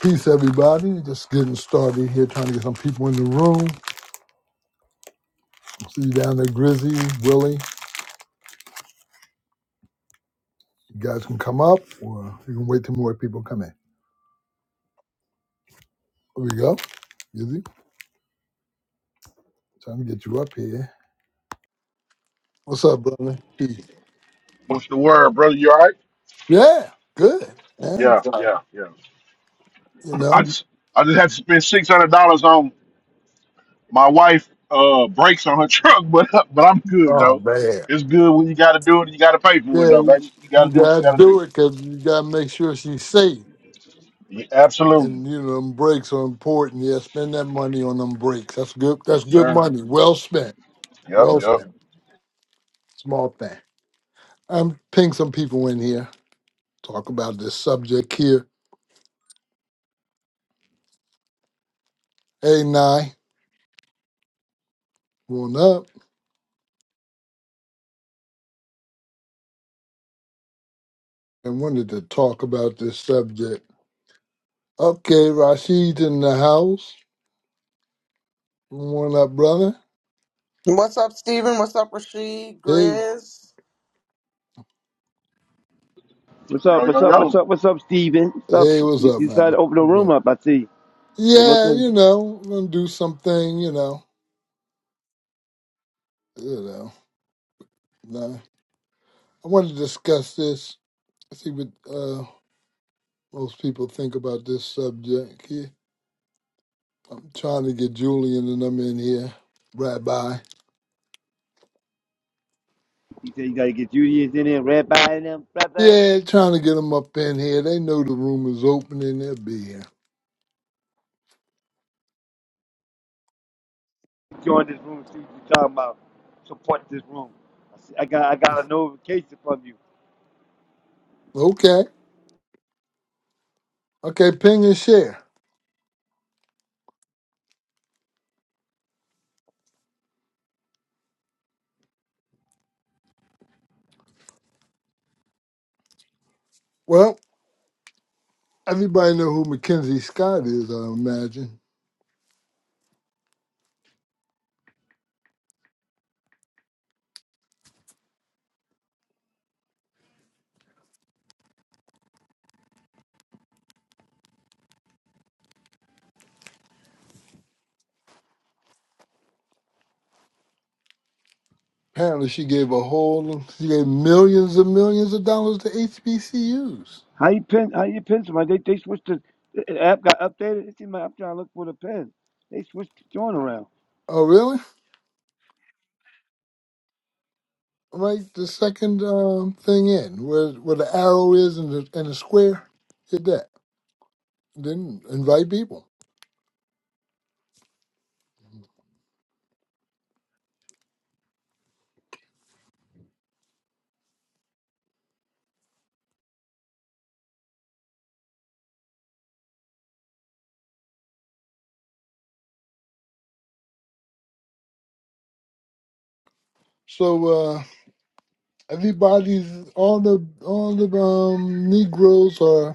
Peace, everybody. Just getting started here, trying to get some people in the room. See you down there, Grizzy, Willie. You guys can come up, or you can wait till more people come in. Here we go. Grizzy, trying to get you up here. What's up, brother? Peace. What's the word, brother? You all right? Yeah, good. Yeah, Yeah, yeah, yeah. you I know. just I just had to spend six hundred dollars on my wife uh brakes on her truck, but but I'm good Oh though. man. It's good when you gotta do it, you gotta pay for it Yeah, though, you baby. You you gotta do what you gotta gotta do. do it because you gotta make sure she's safe. Yeah, absolutely. And you know, them breaks are important. Yeah, spend that money on them breaks. That's good. That's Yes, good sir. money. Well spent. Yep, Well yep. spent. Small thing. I'm ping some people in here. Talk about this subject here. Hey, Nye, one up. I wanted to talk about this subject. Okay, Rashid in the house. One up, brother. What's up, Steven? What's up, Rasheed? Hey, Grizz? What's up? Yo, What's yo, up? What's yo. up? What's up, Steven? What's up? hey, what's You up, you decided to man? open the room Okay. up. I see. You Yeah, looking? you know, I'm gonna do something. You know, you know. Nah. I want to discuss this. See what uh, most people think about this subject here. I'm trying to get Julian and them in here. Rabbi. You said you gotta get Judaism in there, Rabbi in them, brother. Yeah, trying to get them up in here. They know the room is open and they'll be here. Join this room. See what you're talking about. Support this room. I, see, I got I got a notification from you. Okay. Okay, ping and share. Well, everybody know who Mackenzie Scott is, I imagine. Apparently she gave a whole she gave millions and millions of dollars to HBCUs. How you pin? How you pin somebody? They they switched the, the app got updated. It's in my, I'm trying to look for the pin. They switched the join around. Oh really? Right the second um, thing in, where where the arrow is and the and the square. Hit that. Then invite people. So uh everybody's all the all the um Negroes are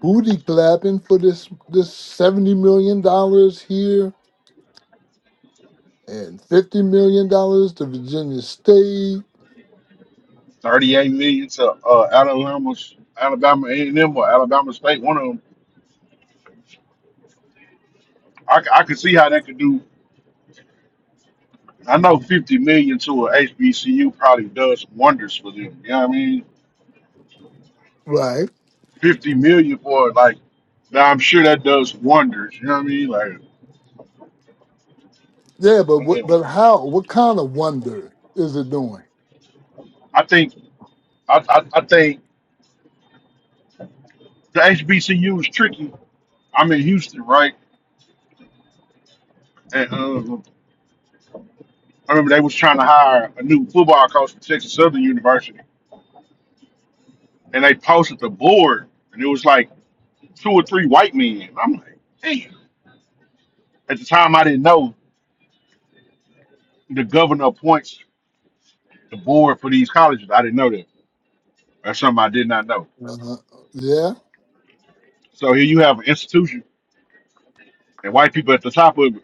booty clapping for this this seventy million dollars here and fifty million dollars to Virginia State. Thirty-eight million to uh Alabama Alabama A and M or Alabama State, one of them. I, c- I could see how that could do I know fifty million to a HBCU probably does wonders for them. You know what I mean? Right. fifty million for it. Like now, I'm sure that does wonders. You know what I mean? Like Yeah, but man, what, but how? What kind of wonder is it doing? I think I, I, I think the HBCU is tricky. I'm in Houston, right? And um, I remember they was trying to hire a new football coach from Texas Southern University, and they posted the board, and it was like two or three white men. I'm like, damn. At the time, I didn't know the governor appoints the board for these colleges. I didn't know that. That's something I did not know. Uh, yeah, So here you have an institution and white people at the top of it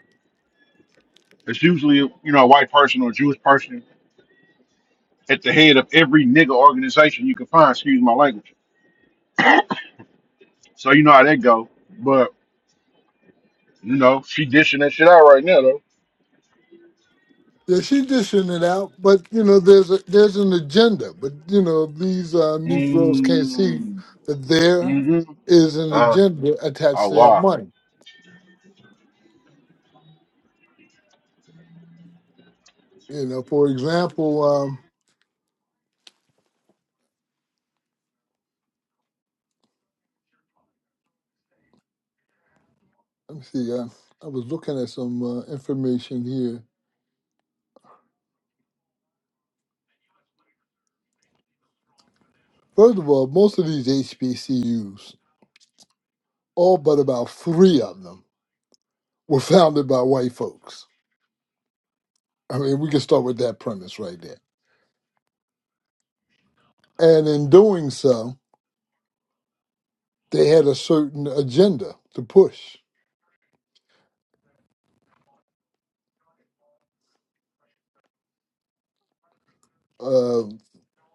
It's usually you know a white person or a Jewish person at the head of every nigga organization you can find. Excuse my language. So you know how that go. But you know she dishing that shit out right now though. yeah. She's dishing it out, but you know, there's a there's an agenda. But you know, these uh, Negroes can't see Mm, that there mm-hmm. is an Uh, agenda attached oh to that wow. money. You know, for example, um, let me see. Uh, I was looking at some uh, information here First of all, most of these HBCUs, all but about three of them, were founded by white folks. I mean, we can start with that premise right there. And in doing so, they had a certain agenda to push. Uh,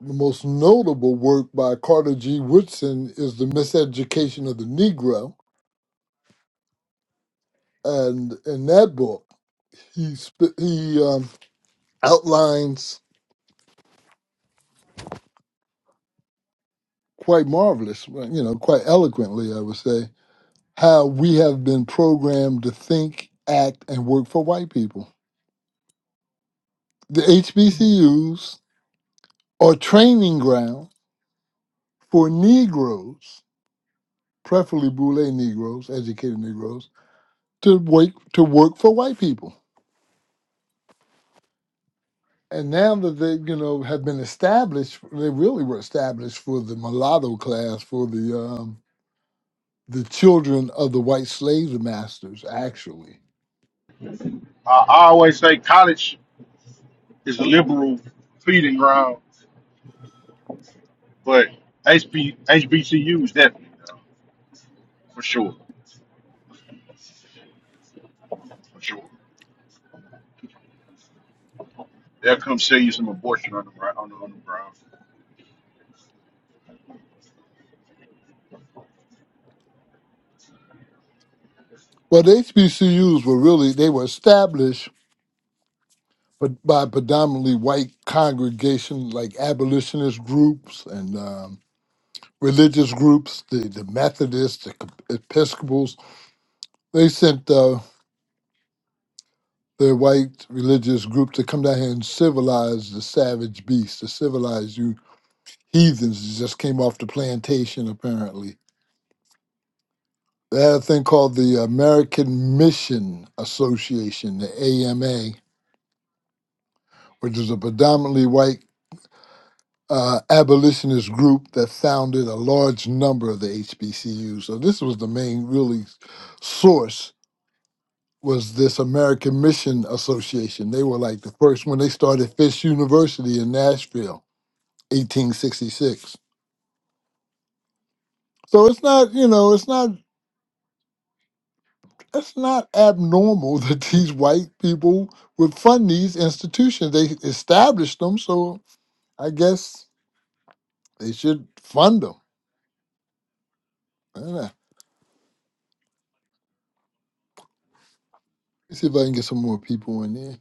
the most notable work by Carter G. Woodson is The Miseducation of the Negro. And in that book, he, sp- he um, outlines quite marvelous, you know, quite eloquently, I would say, how we have been programmed to think, act, and work for white people. The HBCUs are training ground for Negroes, preferably Boule Negroes, educated Negroes, to work to work for white people. And now that they, you know, have been established, they really were established for the mulatto class, for the um, the children of the white slave masters, actually. I, I always say college is a liberal feeding ground, but HB, HBCU is definitely for sure, for sure. They'll come sell you some abortion on the gro- on the, on the ground. But HBCUs were really they were established but by predominantly white congregations like abolitionist groups and um, religious groups, the, the Methodists, the Episcopals. They sent uh, their white religious group to come down here and civilize the savage beasts, to civilize you heathens that just came off the plantation, apparently. They had a thing called the American Mission Association, the AMA, which is a predominantly white uh, abolitionist group that founded a large number of the HBCUs. So this was the main really source was this American Mission Association. They were like the first when they started Fisk University in Nashville, 1866. So it's not, you know, it's not it's not abnormal that these white people would fund these institutions. They established them, so I guess they should fund them. I don't know. Let's see if I can get some more people in there.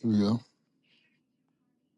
Here we go.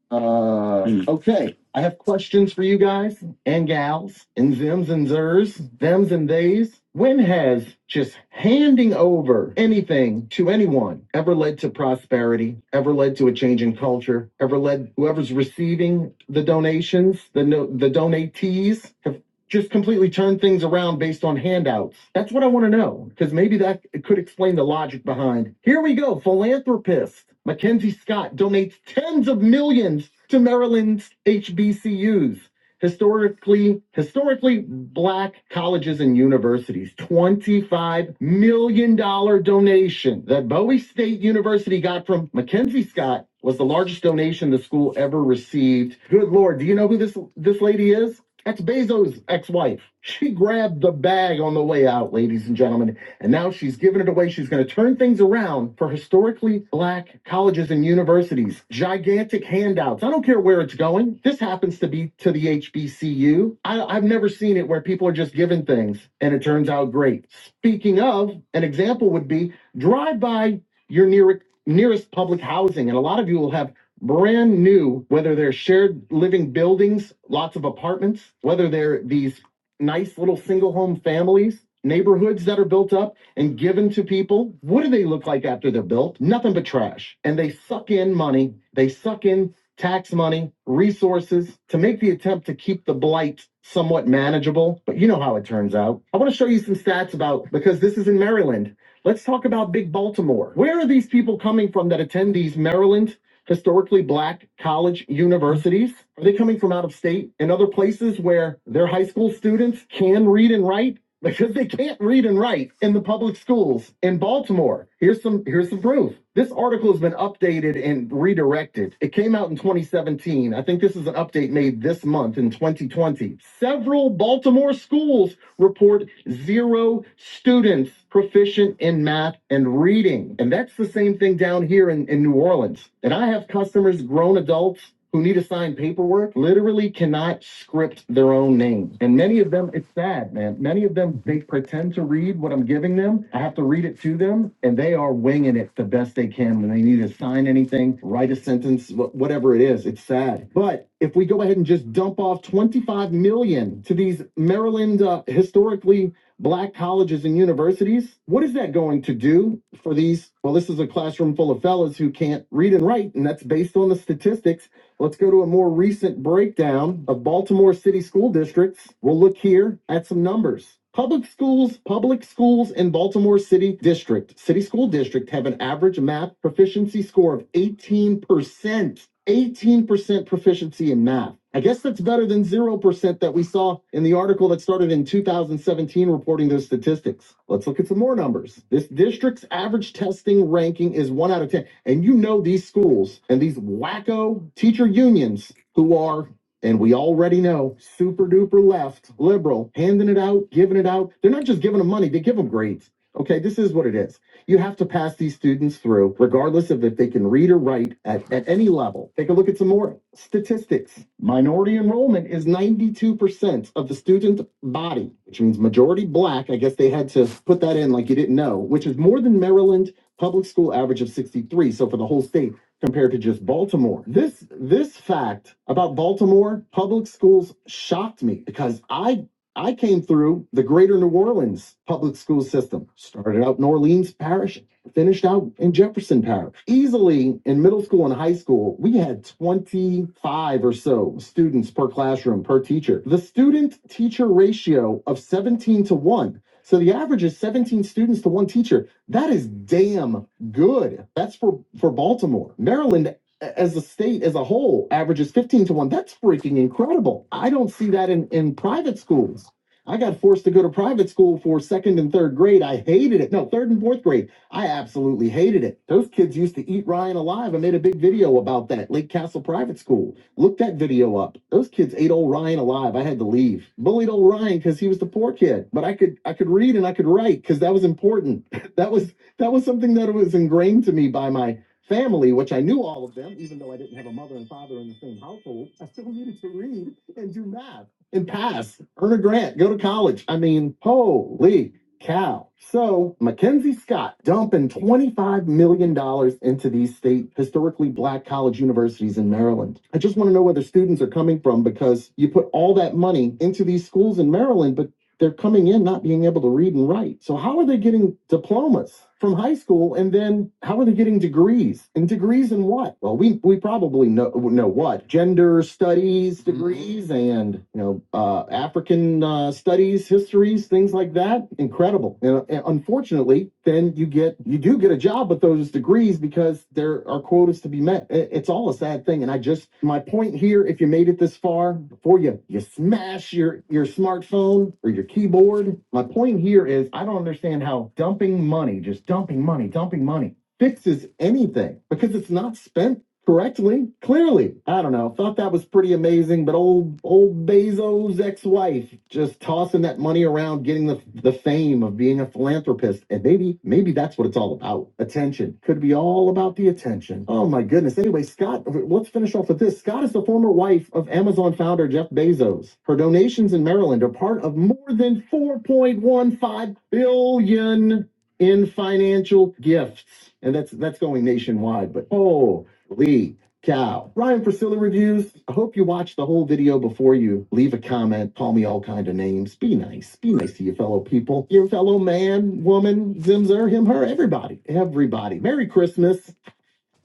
Uh, okay, I have questions for you guys and gals and zims and zers thems and theys. When has just handing over anything to anyone ever led to prosperity, ever led to a change in culture, ever led whoever's receiving the donations, the no, the donatees? have just completely turn things around based on handouts? That's what I want to know, because maybe that could explain the logic behind. Here we go, philanthropist. Mackenzie Scott donates tens of millions to Maryland's HBCUs, historically historically black colleges and universities. 25 million dollar donation that Bowie State University got from Mackenzie Scott was the largest donation the school ever received. Good lord, do you know who this this lady is? That's Bezos' ex-wife. She grabbed the bag on the way out, ladies and gentlemen, and now she's giving it away. She's going to turn things around for historically black colleges and universities. Gigantic handouts. I don't care where it's going. This happens to be to the HBCU. I, have never seen it where people are just given things and it turns out great. Speaking of, an example would be drive by your near, nearest public housing, and a lot of you will have brand new, whether they're shared living buildings, lots of apartments, whether they're these nice little single home families, neighborhoods that are built up and given to people. What do they look like after they're built? Nothing but trash. And they suck in money, they suck in tax money, resources to make the attempt to keep the blight somewhat manageable. But you know how it turns out. I want to show you some stats about because this is in Maryland. Let's talk about big Baltimore. Where are these people coming from that attend these Maryland historically black college universities? Are they coming from out of state and other places where their high school students can read and write because they can't read and write in the public schools in Baltimore. Here's some here's some proof. This article has been updated and redirected. It came out in 2017. I think this is an update made this month in 2020. Several Baltimore schools report zero students proficient in math and reading. And that's the same thing down here in, in New Orleans. And I have customers, grown adults, who need to sign paperwork literally cannot script their own name. And many of them, it's sad, man. Many of them, they pretend to read what I'm giving them. I have to read it to them, and they are winging it the best they can when they need to sign anything, write a sentence, wh- whatever it is. It's sad. But if we go ahead and just dump off 25 million dollars to these Maryland uh, historically black colleges and universities, what is that going to do for these? Well, this is a classroom full of fellas who can't read and write, and that's based on the statistics Let's go to a more recent breakdown of Baltimore City school districts. We'll look here at some numbers. Public schools, public schools in Baltimore City District, City School District have an average math proficiency score of 18%. 18% proficiency proficiency in math. I guess that's better than 0% that we saw in the article that started in 2017 reporting those statistics. Let's look at some more numbers. This district's average testing ranking is 1 out of 10. And you know these schools and these wacko teacher unions who are and we already know super duper left, liberal, handing it out, giving it out. They're not just giving them money, they give them grades. Okay, this is what it is. You have to pass these students through, regardless of if they can read or write at, at any level. Take a look at some more statistics. Minority enrollment is 92% of the student body, which means majority black. I guess they had to put that in like you didn't know, which is more than Maryland public school average of 63. So for the whole state, compared to just Baltimore. This this fact about Baltimore public schools shocked me because I I came through the greater New Orleans public school system, started out in Orleans Parish, finished out in Jefferson Parish. Easily in middle school and high school, we had 25 or so students per classroom per teacher. The student teacher ratio of 17 to 1. So the average is 17 students to one teacher. That is damn good. That's for for Baltimore. Maryland as a state as a whole averages 15 to 1 that's freaking incredible i don't see that in in private schools i got forced to go to private school for second and third grade i hated it no third and fourth grade i absolutely hated it those kids used to eat ryan alive i made a big video about that lake castle private school look that video up those kids ate old ryan alive i had to leave bullied old ryan because he was the poor kid but i could i could read and i could write because that was important that was that was something that was ingrained to me by my Family, which I knew all of them, even though I didn't have a mother and father in the same household, I still needed to read and do math and pass, earn a grant, go to college. I mean, holy cow. So Mackenzie Scott dumping $25 million dollars into these state historically black college universities in Maryland. I just want to know where the students are coming from because you put all that money into these schools in Maryland, but they're coming in not being able to read and write. So how are they getting diplomas from high school, and then how are they getting degrees? And degrees in what? Well, we we probably know know what gender studies degrees and you know uh, African uh, studies, histories, things like that. Incredible. And, uh, and unfortunately, then you get you do get a job with those degrees because there are quotas to be met. It's all a sad thing. And I just my point here, if you made it this far, before you you smash your your smartphone or your keyboard, my point here is I don't understand how dumping money, just dumping money, dumping money fixes anything because it's not spent correctly, clearly. I don't know. Thought that was pretty amazing, but old old Bezos' ex-wife just tossing that money around, getting the the fame of being a philanthropist, and maybe maybe that's what it's all about. Attention could be all about the attention. Oh my goodness. Anyway, Scott, let's finish off with this. Scott is the former wife of Amazon founder Jeff Bezos. Her donations in Maryland are part of more than 4.15 billion in financial gifts. And that's that's going nationwide, but oh Lee, Cal, Ryan Priscilla reviews. I hope you watch the whole video before you leave a comment. Call me all kind of names. Be nice. Be nice to your fellow people, your fellow man, woman, Zimzer, him, her, everybody, everybody. Merry Christmas.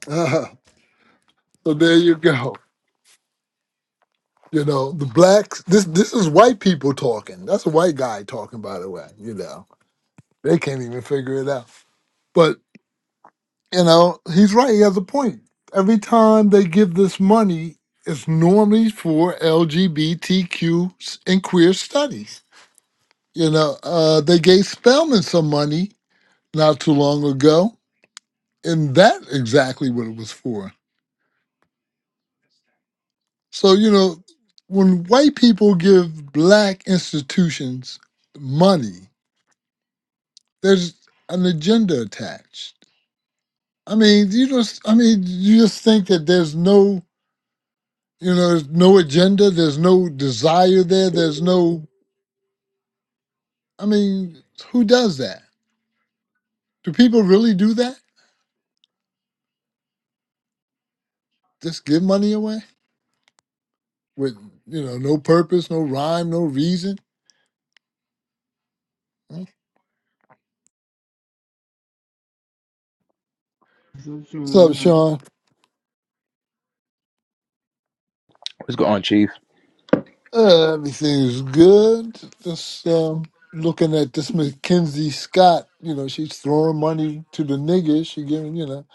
Uh, so there you go. You know, the blacks this this is white people talking. That's a white guy talking by the way, you know. They can't even figure it out. You know, he's right. He has a point. Every time they give this money, it's normally for LGBTQ and queer studies. You know, uh, they gave Spelman some money not too long ago, and that exactly what it was for. So you know, when white people give black institutions money, there's an agenda attached. I mean, you just, I mean, you just think that there's no You know, there's no agenda, there's no desire there, there's no I mean, who does that? Do people really do that? Just give money away with you know, no purpose, no rhyme, no reason. Huh? So What's up, Sean, Mm. Sean? What's going on, Chief? Uh, everything's good. Just um, looking at this Mackenzie Scott, you know, she's throwing money to the niggas. She giving, you know,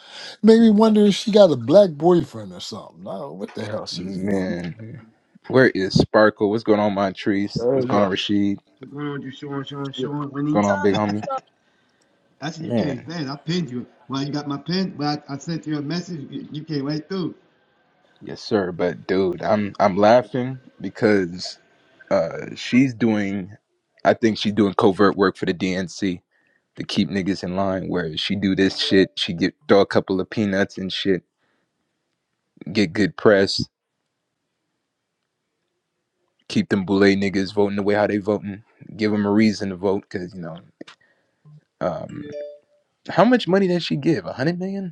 made me wonder if she got a black boyfriend or something. I don't know what the hell she's doing. Man, where is Sparkle? What's going on, Montrese? What's going on, Rashid? What's going So, on, big homie? so I said you can't Man, fast. I pinned you. Well, you got my pin. Well, I, I sent you a message. You you came right through. yes, sir. But dude, I'm I'm laughing because uh she's doing, I think she's doing covert work for the DNC to keep niggas in line. Where she do this shit, she get throw a couple of peanuts and shit, get good press, keep them boule niggas voting the way how they voting, give them a reason to vote because you know. Um, how much money did she give? A hundred million?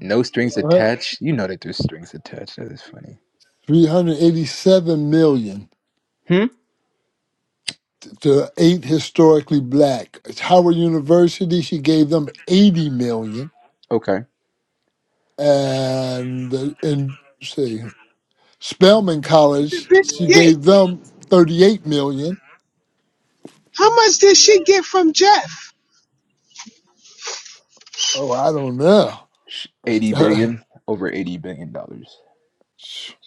No strings Well, attached. You know that there's strings attached. That is funny. 387 million. Hmm? to eight historically black. It's Howard University, she gave them 80 million. Okay. And uh, and let's see, Spelman the College, bitch she get gave them 38 million. how much did she get from Jeff? Oh, I don't know. 80 billion, over 80 billion dollars. she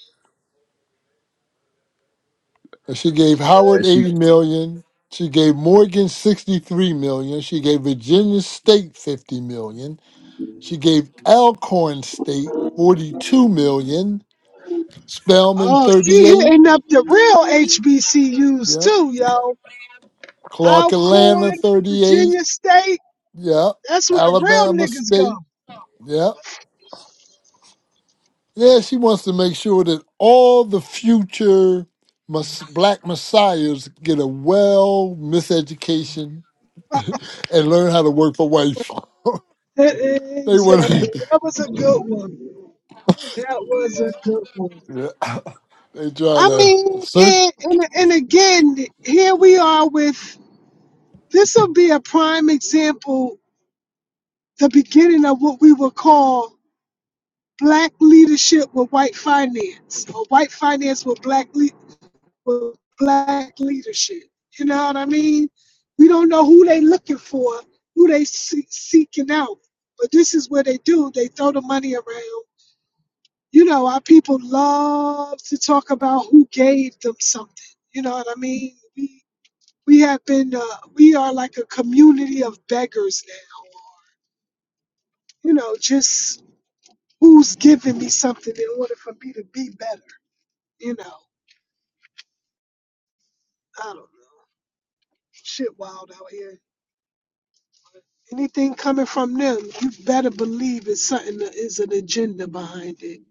gave Howard That she 80 million. She gave Morgan 63 million. She gave Virginia State 50 million. She gave Alcorn State 42 million. Spelman Oh, she 38. hitting up the real HBCUs Yeah. too, yo. Clark Atlanta Alcorn, 38. Virginia State. Yeah. That's where the real Alabama niggas go. State. Yeah. Yeah, she wants to make sure that all the future mes- black messiahs get a well miseducation and learn how to work for white folk. they want to, exactly. That was a good one. That was a good one. they try I to mean, search, and, and, and again, here we are with this will be a prime example, the beginning of what we will call black leadership with white finance or white finance with black le- with black leadership. You know what I mean? We don't know who they looking for, who they see- seeking out. But this is what they do. They throw the money around. You know, our people love to talk about who gave them something. You know what I mean? We we have been uh, we are like a community of beggars now. You know, just who's giving me something in order for me to be better. You know. I don't know. Shit wild out here. Anything coming from them, you better believe it's something that is an agenda behind it.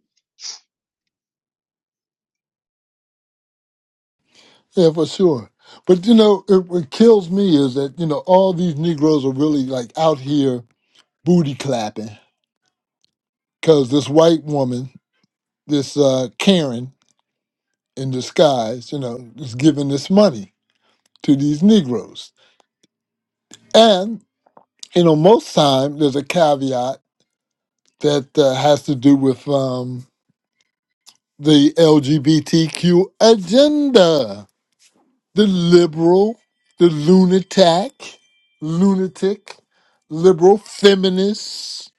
yeah, for sure. But you know, it, what kills me is that, you know, all these Negroes are really like out here booty clapping because this white woman, this uh, Karen, in disguise, you know, is giving this money to these Negroes. And, you know, most time there's a caveat that uh, has to do with um, the LGBTQ agenda. The liberal, the lunatic, lunatic, liberal feminist,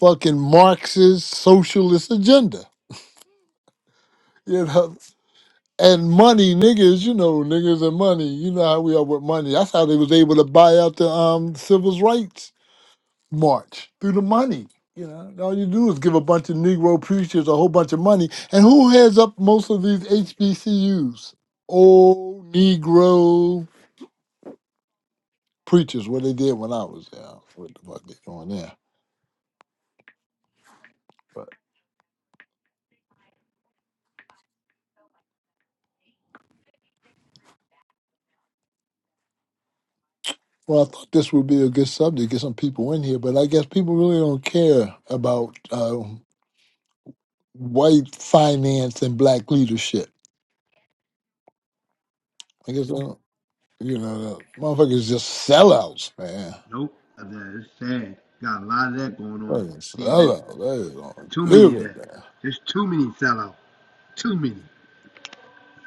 fucking Marxist, socialist agenda. You know, and money, niggas, you know, niggas and money. You know how we are with money. That's how they was able to buy out the um civil rights march through the money. You know, all you do is give a bunch of Negro preachers a whole bunch of money. And who heads up most of these HBCUs? Old Negro preachers, what they did when I was there. I don't know What the fuck they doing there? But well, I thought this would be a good subject, get some people in here, but I guess people really don't care about uh, white finance and black leadership I guess, uh, you know, the motherfuckers just sellouts, man. Nope. It's sad. Got a lot of that going on, Fucking Steven. sellouts. That is on Too you, many of man. that. There's too many sellouts. Too many.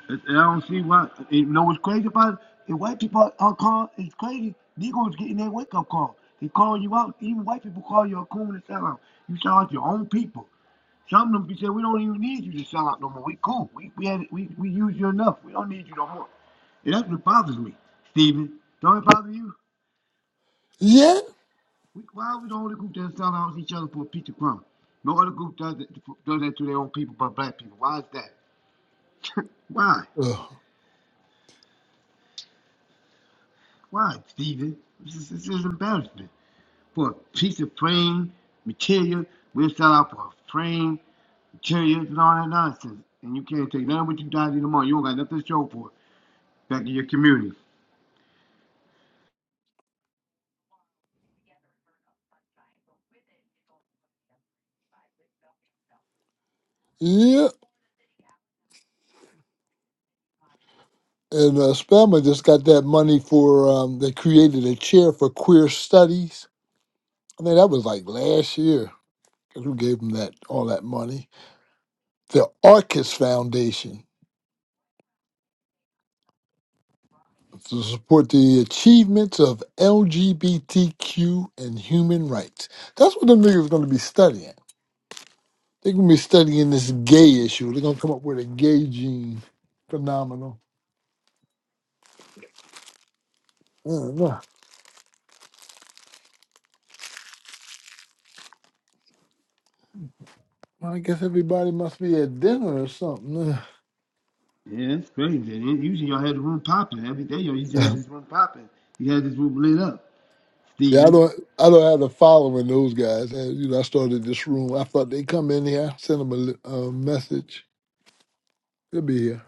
And I don't see why. You know what's crazy about it? The white people are called. It's crazy. Negroes getting their wake up call. They call you out. Even white people call you a coon and sellout. You sell out your own people. Some of them be saying, "We don't even need you to sell out no more. We cool. We we had we we use you enough. We don't need you no more." And that's what bothers me, Steven. Don't it bother you? Yeah. We, why we the only group that sell out each other for a piece of crumb? No other group does it, does that to their own people but black people. Why is that? Why? Ugh. Why, Stephen? This is, this is embarrassment. For a piece of frame material, we'll sell out for a frame materials and all that nonsense. And you can't take none of what you got in the morning. You don't got nothing to show for it back in your community. Yeah. And uh, Spelman just got that money for, um, they created a chair for queer studies. I think that was like last year. 'Cause Who gave them that all that money? The Arcus Foundation to support the achievements of LGBTQ and human rights. That's what them niggas going to be studying. They're gonna be studying this gay issue. They're gonna come up with a gay gene phenomenon. Uh, well, well, I guess everybody must be at dinner or something. Yeah, it's crazy. And usually y'all had the room popping. Every day y'all used to have Uh, this room popping. You had this room lit up, yeah, I Stephen. don't. I don't have the following those guys. Uh, you know, I started this room. I thought they'd come in here, send them a li- a message. They'll be here.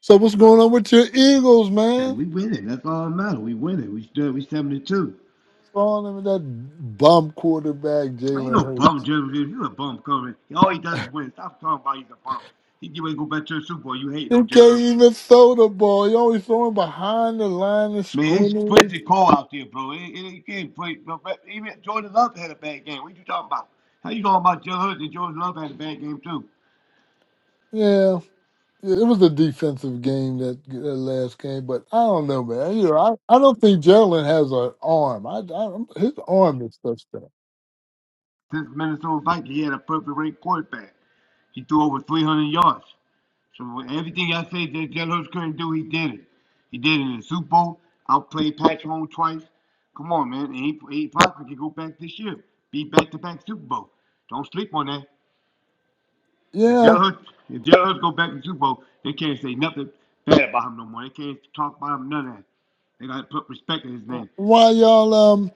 So what's going on with your Eagles, And man? we winning. That's all that matters. We winning. We still we seventy two. Throwing them with that bum quarterback, Ain't Jalen no bum Hurts. Jeremy. Lin. You a bum Curry. All he does is win. Stop talking about he's a bum. He get ready to go back to the Super Bowl. You hating He on Jerry. can't even throw the ball. He always throwing behind the line of Man, it's scrimmage. pretty cold out there, bro. It, it, you can't play. No, even Jordan Love had a bad game. What you talking about? How you talking about Joe Hood and Jordan Love had a bad game too? Yeah. Yeah, it was a defensive game that, that last game, but I don't know, man. You know, I, I don't think Jalen has an arm. I, I his arm is suspect. Since Minnesota Vikings, he had a perfect rate quarterback. He threw over 300 yards. So everything I said that Jalen Hurts couldn't do, he did it. He did it in the Super Bowl. Outplayed Pat Mahomes twice. Come on, man. And he, he probably could go back this year. Be back to back Super Bowl. Don't sleep on that. If Yeah, Jalen Hurts, if Jalen Hurts go back to Super Bowl, they can't say nothing bad about him no more. They can't talk about him none of that. They gotta put respect in his name. why y'all um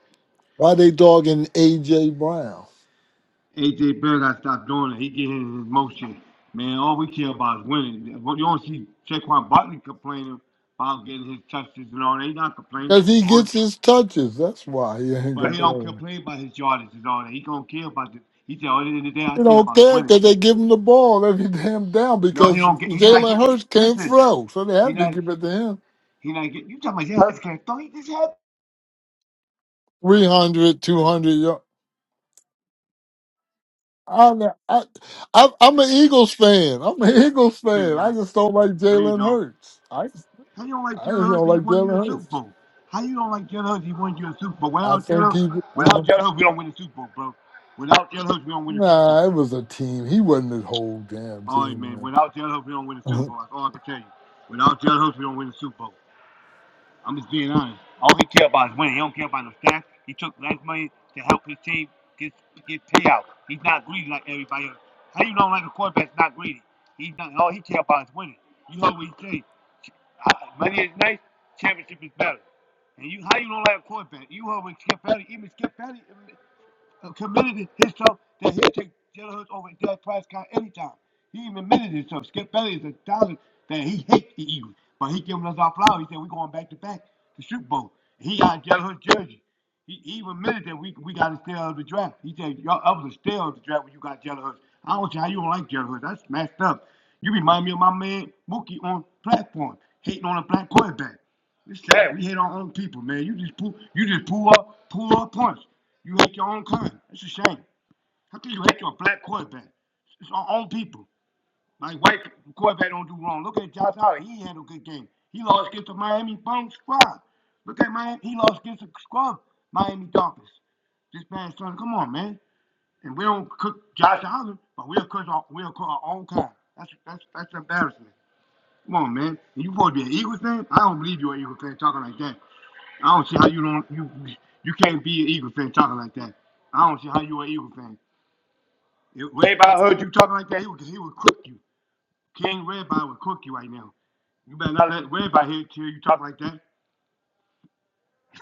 why they dogging AJ Brown? AJ Brown gotta stop doing it. He getting in his motion. Man, all we care about is winning. You don't see Saquon Barkley complaining about getting his touches and all. They not complaining. Cause he All gets his touches. That's why he ain't But he don't complaining. complain about his yardage and all that. He gonna care about the. He said, "Oh, "At the end of the day, I You care don't about is care winning." because they give him the ball every damn down No, he because don't get. He not Jalen getting. Hurts can't Listen, throw, so they he have to not. give it to him. He not getting. You talking about yeah, this guy? Don't he just had Three 200 yards. I'm a, I, I, I'm an Eagles fan. I'm an Eagles three fan. I now? just don't like No, you Jalen don't. Hurts. I How you don't like I just Jalen don't Hurts? He like won you a Jalen Super Hurts. Bowl. How you don't like Jalen Hurts? He won you a Super Bowl. I Without think Jalen, he. I without don't. Jalen Think, Hurts, we don't win the Super Bowl, bro. Without Jalen Hurts, we don't win the Super Bowl. nah, it was a team. He wasn't his whole damn All right, team, man. man. Without Jalen Hurts, we don't win the Super Bowl. That's all I can tell you. Without Jalen Hurts, we don't win the Super Bowl. I'm just being honest. All he care about is winning. He don't care about no stats. He took less money to help his team get get payout. He's not greedy like everybody else. How you know like a quarterback's not greedy? He's not. All he care about is winning. You heard what he say. uh, Money is nice. Championship is better. And you, how you don't like a quarterback? You heard when Skip Bailey, even Skip Bailey uh, committed himself that he would take Jalen Hurts over Dak Prescott anytime. He even admitted himself. Skip Bailey is a thousand that he hates the Eagles, but he giving us our flowers. He said we're going back to back to Super Bowl. He got Jalen Hurts jersey. He, he even admitted that we we got a steal of the draft. He said y'all I was a steal of the draft when you got Jalen Hurts. I don't see how you don't like Jalen Hurts. That's messed up. You remind me of my man Mookie on platform hating on a black quarterback. It's sad. We hate our own people, man. You just pull, you just pull up, pull up punch. You hate your own kind. It's a shame. How can you hate your black quarterback? It's our own people. Like white quarterback don't do wrong. Look at Josh Allen. He had a good game. He lost against the Miami Bone squad. Look at Miami. He lost against the squad, Miami Dolphins. This past Sunday. Come on, man. And we don't cook Josh Allen, but we'll cook our, we'll cook our own kind. That's that's that's embarrassing. Come on, man. And you supposed to be an Eagles fan? I don't believe you're an Eagles fan talking like that. I don't see how you don't you you can't be an Eagle fan talking like that. I don't see how you an Eagle fan. If Redby heard you talking like that, he would he would cook you. King Redby would cook you right now. You better not let Redby hear hear you talk like that.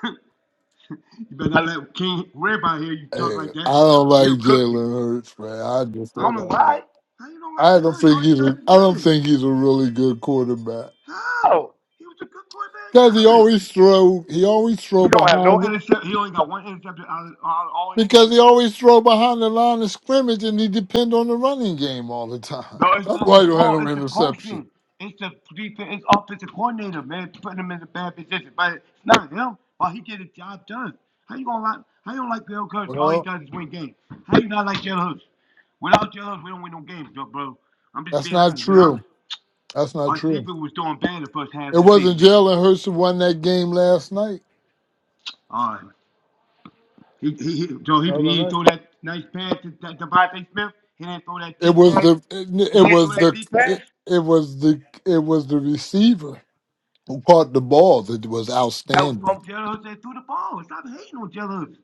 you better not let King Redby hear you talk hey, like I that. don't like He'll cook you. Jalen Hurts, man. I just I don't don't know like why. him. How you don't like I don't Judge? All think he he's does a. is I don't win. think he's a really good quarterback. How? He was a good quarterback Cause he in college. always throw. He always throw He don't have no behind. intercept. He only got one interception out of, out of all his because years. he always throw behind the line of scrimmage and he depend on the running game all the time. No, it's That's not why his he don't have fault. no It's the interception. coaching. It's the defense. It's offensive coordinator, man, putting him in a bad position. But it's not him. But he get the job done. How you gonna like? How you don't like Bill Coach? All he Well, does is win games. How you not like Jalen Hurts? Without Jalen Hurts, we don't win no games, bro. bro. I'm just that's being not honest. Without true. That's not our defense true. was doing bad the first half It of the wasn't season. Jalen Hurts who won that game last night. All right. he, he, he so he The Other he night, threw that nice pass to, to Devontae Smith. He didn't throw that it deep was pass. the it, He it didn't throw was that the deep pass. it, it was the it was the receiver who caught the ball that was That was outstanding. from Jalen Hurts that threw the ball. Stop hating on Jalen Hurts.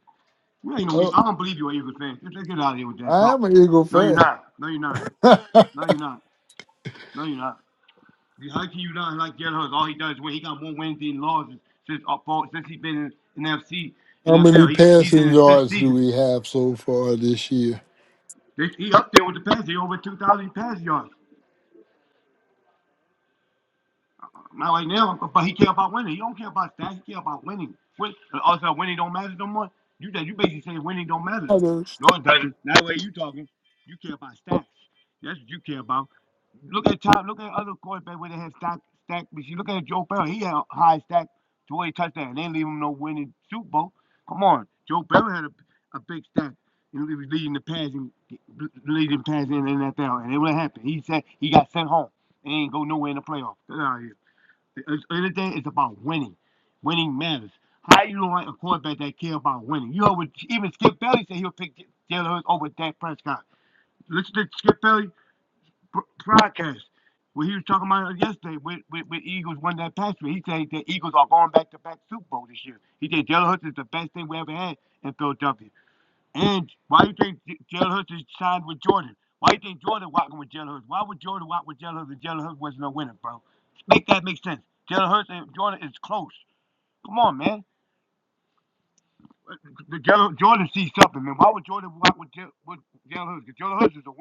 Well, You ain't no, Oh, Eagle. I don't believe you're an Eagles fan. Just get out of here with that I am talking. an Eagle No, you're fan. not. No, you're not. How No, you're not. No, you're not. You- How can you not like Jalen Hurts? All he does is win. He got more wins than losses since uh, fall- since he's been in, in FC many NFL. He he's passing in his sixth yards do season. we have so far this year? He he up there with the passing. He over 2,000 pass yards. Not right now, but he care about winning. He don't care about stats. He care about winning. Win, also, winning don't matter no more. You that you basically saying winning don't matter. No, it doesn't. That way you talking. You care about stats. That's what you care about. Look at top. Look at other quarterbacks where they have stack stack. But you look at Joe Burrow. He had a high stack to where he touchdown. They didn't leave him no winning Super Bowl. Come on, Joe Burrow had a, a big stack. And he was leading the passing, leading passing in the NFL, and it would happen. He said he got sent home. He ain't go nowhere in the playoffs. Get out of here. The other thing is about winning. Winning matters. How you don't like a quarterback that care about winning? You know, even Skip Bailey said he'll pick Jalen Hurts over Dak Prescott. Listen to Skip Bailey br- broadcast when he was talking about yesterday with, with, with Eagles won that pass He said the Eagles are going back to back Super Bowl this year. He said Jalen Hurts is the best thing we ever had in Philadelphia. And why do you think J- Jalen Hurts is signed with Jordan? Why do you think Jordan walking with Jalen Hurts? Why would Jordan walk with Jalen Hurts if Jalen Hurts wasn't a winner, bro? Make that make sense. Jalen Hurts and Jordan is close. Come on, man. Uh, the Jalen, Jordan sees something, man. Why would Jordan walk with, J- with Jalen Hurts? Because Jalen Hurts is a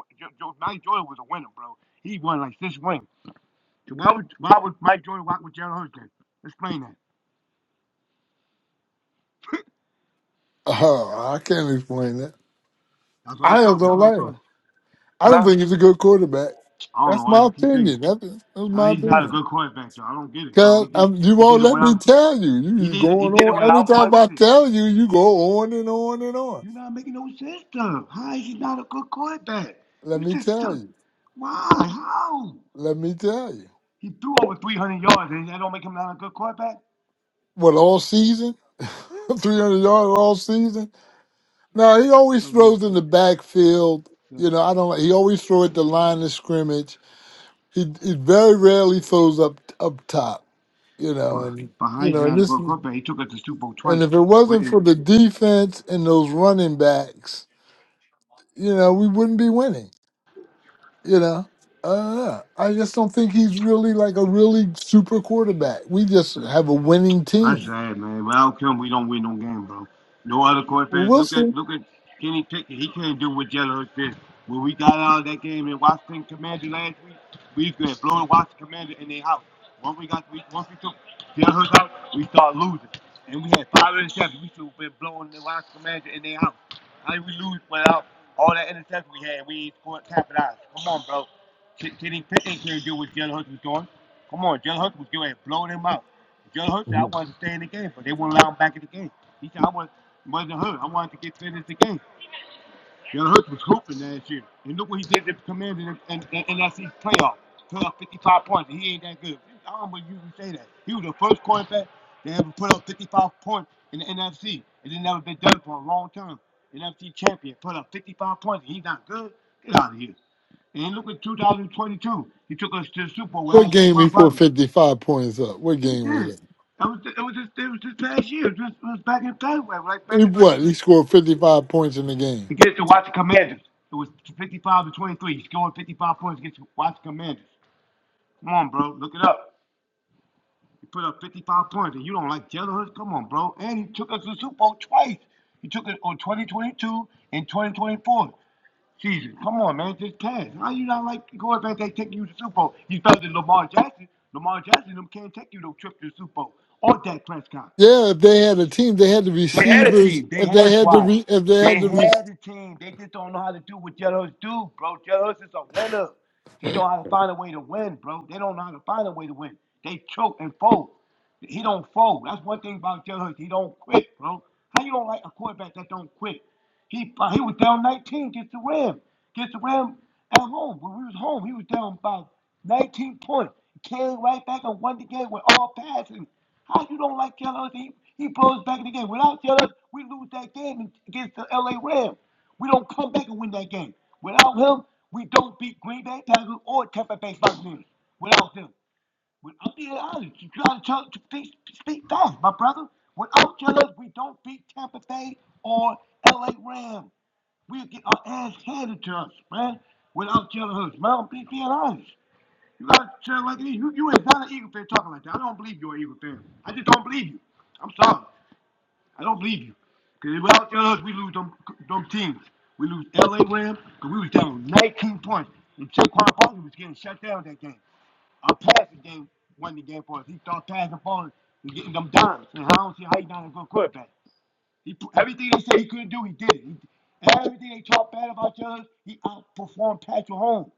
Mike Jordan was a winner, bro. He won like six rings. So why would why would Mike Jordan walk with Jalen Hurts then? Explain that. Oh, I can't explain that. That's what I'm I just thought. That's don't what I like him. thought. I don't Huh? think he's a good quarterback. I don't know That's why my you keep thinking. opinion. That's, that's How my he's not a opinion. good quarterback though. I don't get it, bro. He Cause did um, you he did won't it let me well. tell you. You He you did it, he going did it on every without Bud. time I Listen, tell you. You go on and on and on. you're not making no sense to him. How is he not a good quarterback? Let You me just tell took you. why? How? Let me tell you. He threw over 300 yards, and that don't make him not a good quarterback. What all season? Three But hundred yards all season? No, he so, I always throws in the backfield. so You know, I don't. like, He always throw at the line of scrimmage He he very rarely throws up up top, you know, but and but how you he's know, not and a this good and quarterback? He took us to Super Bowl twice. if it Wait, wasn't eh, for the defense and those running backs, you know, we wouldn't be winning. You know, I don't know. I just don't think he's really like a really super quarterback. We just so have a winning That's team. sad, man. Without come, we don't win no game, bro. No other quarterback. Well, we Look at look at Kenny Pickett. He can't do what Jalen Hurts did. When we got out of that game in Washington Commander last week, we could have blown Washington Commander in their house. Once we got we, once we took Jalen Hurts out, we started losing. And we had five interceptions. We should have been blowing the Washington Commander in their house. How did we lose without all that interception we had? We ain't scored capitalized. Come on, bro. Kenny Pickett can't do what Jalen Hurts was doing. Come on, Jalen Hurts was doing blowing him out. Joe Hurt said, I Mhm. wanted to stay in the game, but they won't allow him back in the game. He said, I want, wasn't hurt. I wanted to get finished the game. Joe Hurt was hooping last year. And look what he did to the Commanders in in- in NFC's playoff. Put up 55 points, and he ain't that good. I don't believe you can say that. He was the first quarterback to ever put up 55 points in the NFC. It had never been done for a long time. NFC champion put up 55 points, and he's not good. Get out of here. And look at 2022. He took us to the Super Bowl What without game he Saquon put Barkley. fifty five points up? What He game did. was it? That was it was just it was just last year. It was, it was back in February, like back He in like what? He scored fifty five points in the game. against the Washington Commanders. It was fifty five to twenty three. He scored fifty five points against the Washington Commanders. Come on, bro, look it up. He put up fifty five points, and you don't like Jalen Hurts? Come on, bro. And he took us to the Super Bowl twice. He took it on twenty twenty two and twenty twenty four season. Come on, man, just pass. How you not like quarterback that take you to the Super Bowl? You better than Lamar Jackson. Lamar Jackson them can't take you no trip to the Super Bowl or Dak Prescott. Yeah, if they had a team, they had the They had a receivers. team. They If had they a had the squad. re, if they They had the re, had a team. They just don't know how to do what Jellos do, bro. Jellos is a winner. He do know how to find a way to win, bro. They don't know how to find a way to win. They choke and fold. He don't fold. That's one thing about Jellos. He don't quit, bro. How you gonna like a quarterback that don't quit? He uh, he was down 19 against the Rams, Against the Rams at home. When we was home, he was down by 19 points. He Came right back and won the game with all passing. How you don't like Jealous? He he blows back in the game. Without Jealous, we lose that game against the LA Rams. We don't come back and win that game. Without him, we don't beat Green Bay Packers or Tampa Bay Buccaneers. Without him. When I'm being you gotta tell to speak, speak facts, my brother. When I'm jealous, we don't beat Tampa Bay or LA Rams. We'll get our ass handed to us, man. When I'm jealous, man, I'm be- being honest. You gotta tell like this. You, you is not an Eagle fan talking like that. I don't believe you're an Eagle fan. I just don't believe you. I'm sorry. I don't believe you. Because without us, we lose them, them teams. We lose LA Rams because we was down 19 points. And Saquon Barkley was getting shut down that game. I'm past game, won the game for us. He start passing balls and getting them dimes. And I don't see how he's not a good quarterback. He put- everything they said he couldn't do, he did it. He- everything they talked bad about Jones, he outperformed Patrick Mahomes.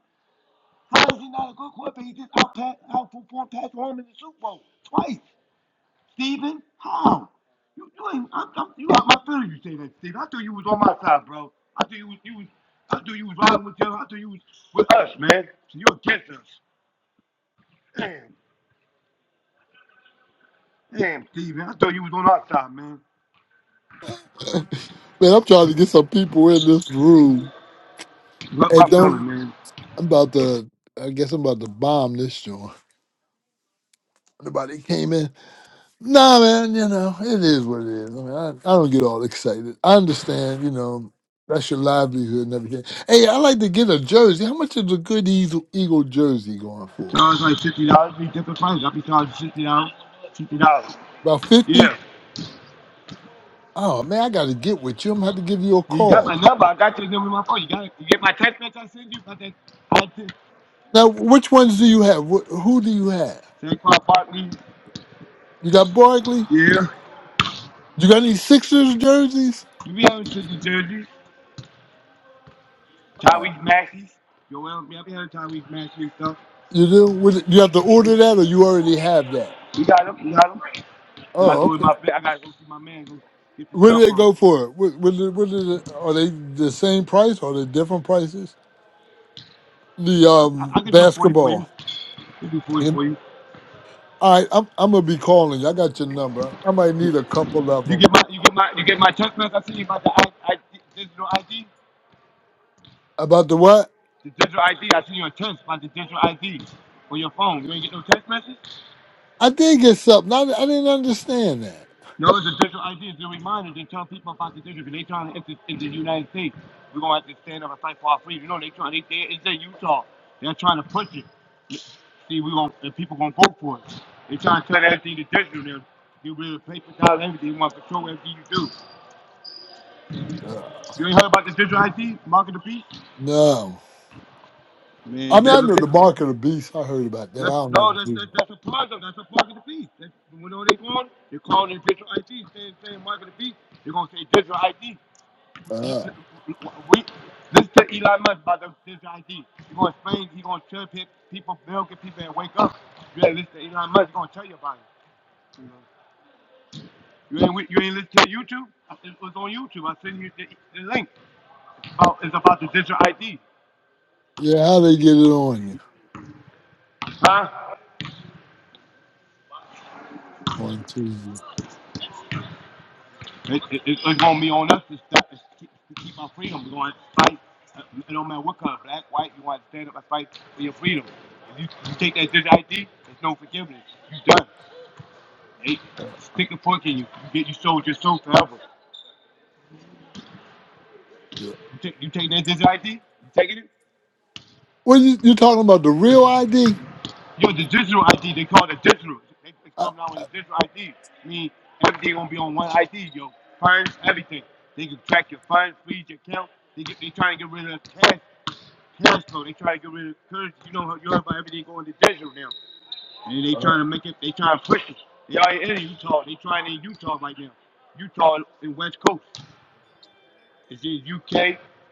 How is he not a good quarterback? He just outpa- outperformed Patrick Mahomes in the Super Bowl twice. Steven, how? You, you ain't. I'm, I'm, you got my feelings. You say that, Steven. I thought you was on my side, bro. I thought you was. You was. I thought you was riding with them. I thought you was with us, man. So you're against us. Damn. Damn, Steven, I thought you was on our side, man. Man, I'm trying to get some people in this room. Look my And feeling, don't man. I'm about to I guess I'm about to bomb this joint. Nobody came in. Nah man, you know, it is what it is. I mean I, I don't get all excited. I understand, you know, that's your livelihood and everything. Hey, I like to get a jersey. How much is a good Eagle, Eagle jersey going for? Charge like fifty dollars, be different prices. I'll be charging fifty dollars, fifty dollars. About fifty? Yeah. Oh man, I gotta get with you. I'm gonna have to give you a You got my call. number, I got your number in my phone. You got it. You get my text message I sent you about that about this. Now which ones do you have? Wh- Who do you have? Saquon Barkley. You got Barkley? Yeah. You got any Sixers jerseys? You be having shit in Jersey. Uh, Tyreek Maxey. Joel, yeah, I be having Tyreek Maxey and stuff. you do? Would- You have to order that, or you already have that? We got him, we got him. Then I Oh, go with okay. my I gotta go see my man, go get the Where stuff do they on him. go for it? What, what, do- what do they- are they the same price? Are they different prices? The I, I, um I can do forty for you. basketball. I can do forty And for you. all right, I'm I'm gonna be calling you. I got your number. I might need a couple of You get them. my, you get my, you get my text message. I sent you about the I, I, digital ID. About the what? The digital ID. I sent you a text about the digital ID on your phone. You ain't get no text message. I did get something. I, I didn't understand that. No, it's a digital ID. It's a reminder to tell people about the digital. Cause they trying to enter into the United States. We're gonna have to stand up and fight for our freedom. You know, they trying. They, they it's in Utah. They're trying to push it. See, we gonna, and people gonna vote for it. They trying to turn everything to digital. They're, they're really paper down everything. They want to control everything you do. Uh, You ain't heard about the digital ID, market of the beast? no, Man, you I mean better I look know the into it. mark of the beast. I heard about that. I That's, don't know. no, The that's, that's, details. that's a part that's a part of the beast. That's you know what they call? it? They call it digital ID, saying saying mark of the beast. They're gonna say digital ID. We uh, listen to Elon Musk about the digital ID. He's gonna explain. He's gonna tell pe- people, they'll get people and wake up. You ain't listen to Elon Musk. He's gonna tell you about it. You, know? you ain't wi- you ain't listen to YouTube. I- It was on YouTube. I sent you the, the link. About, it's about the digital ID, yeah, how they get it on you? huh? One, two. It, it, it, it's gonna be on us to, stop, to, keep, to keep our freedom. We're gonna fight. Uh, It don't matter what color, black, white. You want to stand up and fight for your freedom. If you, you take that digital ID, there's no forgiveness. You done. They stick a fork in you. You get you sold your soul forever. Yeah. You take you take that digital ID. You taking it? Well, you, you're talking about the real ID. Yo, the digital ID. They call it digital. They, they come out with a digital ID. I mean, everything gonna be on one ID. Yo, funds, everything. They can track your funds, freeze your account. They get, they trying to get rid of the cash Now, so they try to get rid of because you know you heard about everything going to digital now, and they trying uh, to make it. They trying to push it. They already in Utah. They trying in Utah right now. Utah and West Coast. It's in UK,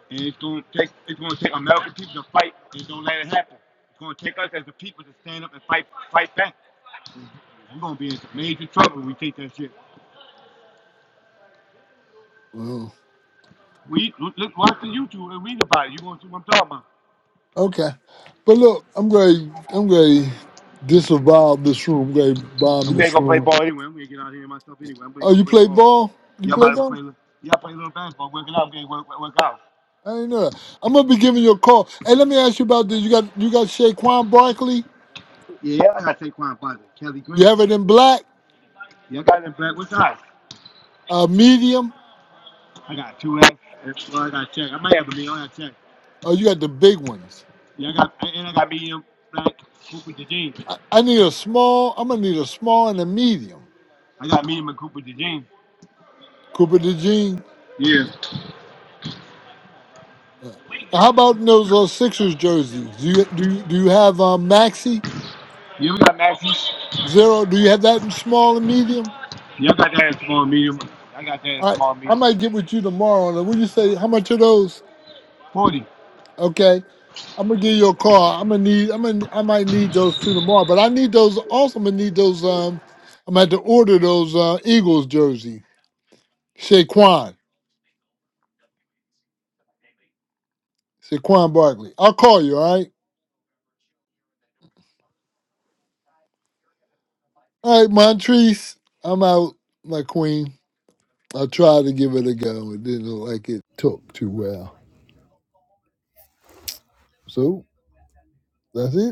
and it's going to take. It's going to take American people to fight and don't let it happen. It's going to take us as the people to stand up and fight, fight back. We're going to be in some major trouble. If we take that shit. well, We look, look- watch the YouTube and read about it. You going to see what I'm talking about? okay, but look, I'm going. to I'm going to disavow this room. I'm going to I'm bomb gonna this go play room. ball anyway. We to get out here myself anyway. I'm gonna Oh, go you play play ball. ball? You Y'all play might go play. ball? li- Y'all play a little basketball. Work it out. Getting work, work work out. I didn't know that. I'm gonna be giving you a call. Hey, let me ask you about this. You got you got Shaquan Barkley. Yeah, I got Saquon Barkley, Kelly Green. You have it in black, Y'all got them black. What's eyes? uh, medium. I got two X. and- Well, I got check. I might have a million. I got check. Oh, you got the big ones. Yeah, I got and and I got medium black Cooper DeJean. I, I need a small. I'm gonna need a small and a medium. I got medium and Cooper DeJean. Cooper DeJean. Yeah. Uh, How about in those uh, Sixers jerseys? Do you do you, do you have uh, maxi Yeah, we got Maxie. zero? Do you have that in small and medium? Y'all got that in small medium. I got that in All right, small I medium. might get with you tomorrow. And when you say how much are those? Forty. Okay, I'm gonna give you a call. I'm gonna need. I'm gonna. I might need those two tomorrow. But I need those. Also, I'm gonna need those. Um, I'm gonna have to order those uh, Eagles jersey. Saquon, Saquon Barkley. I'll call you. All right. All right, Montrese. I'm out, my queen. I tried to give it a go. It didn't look like it took too well. So that's it.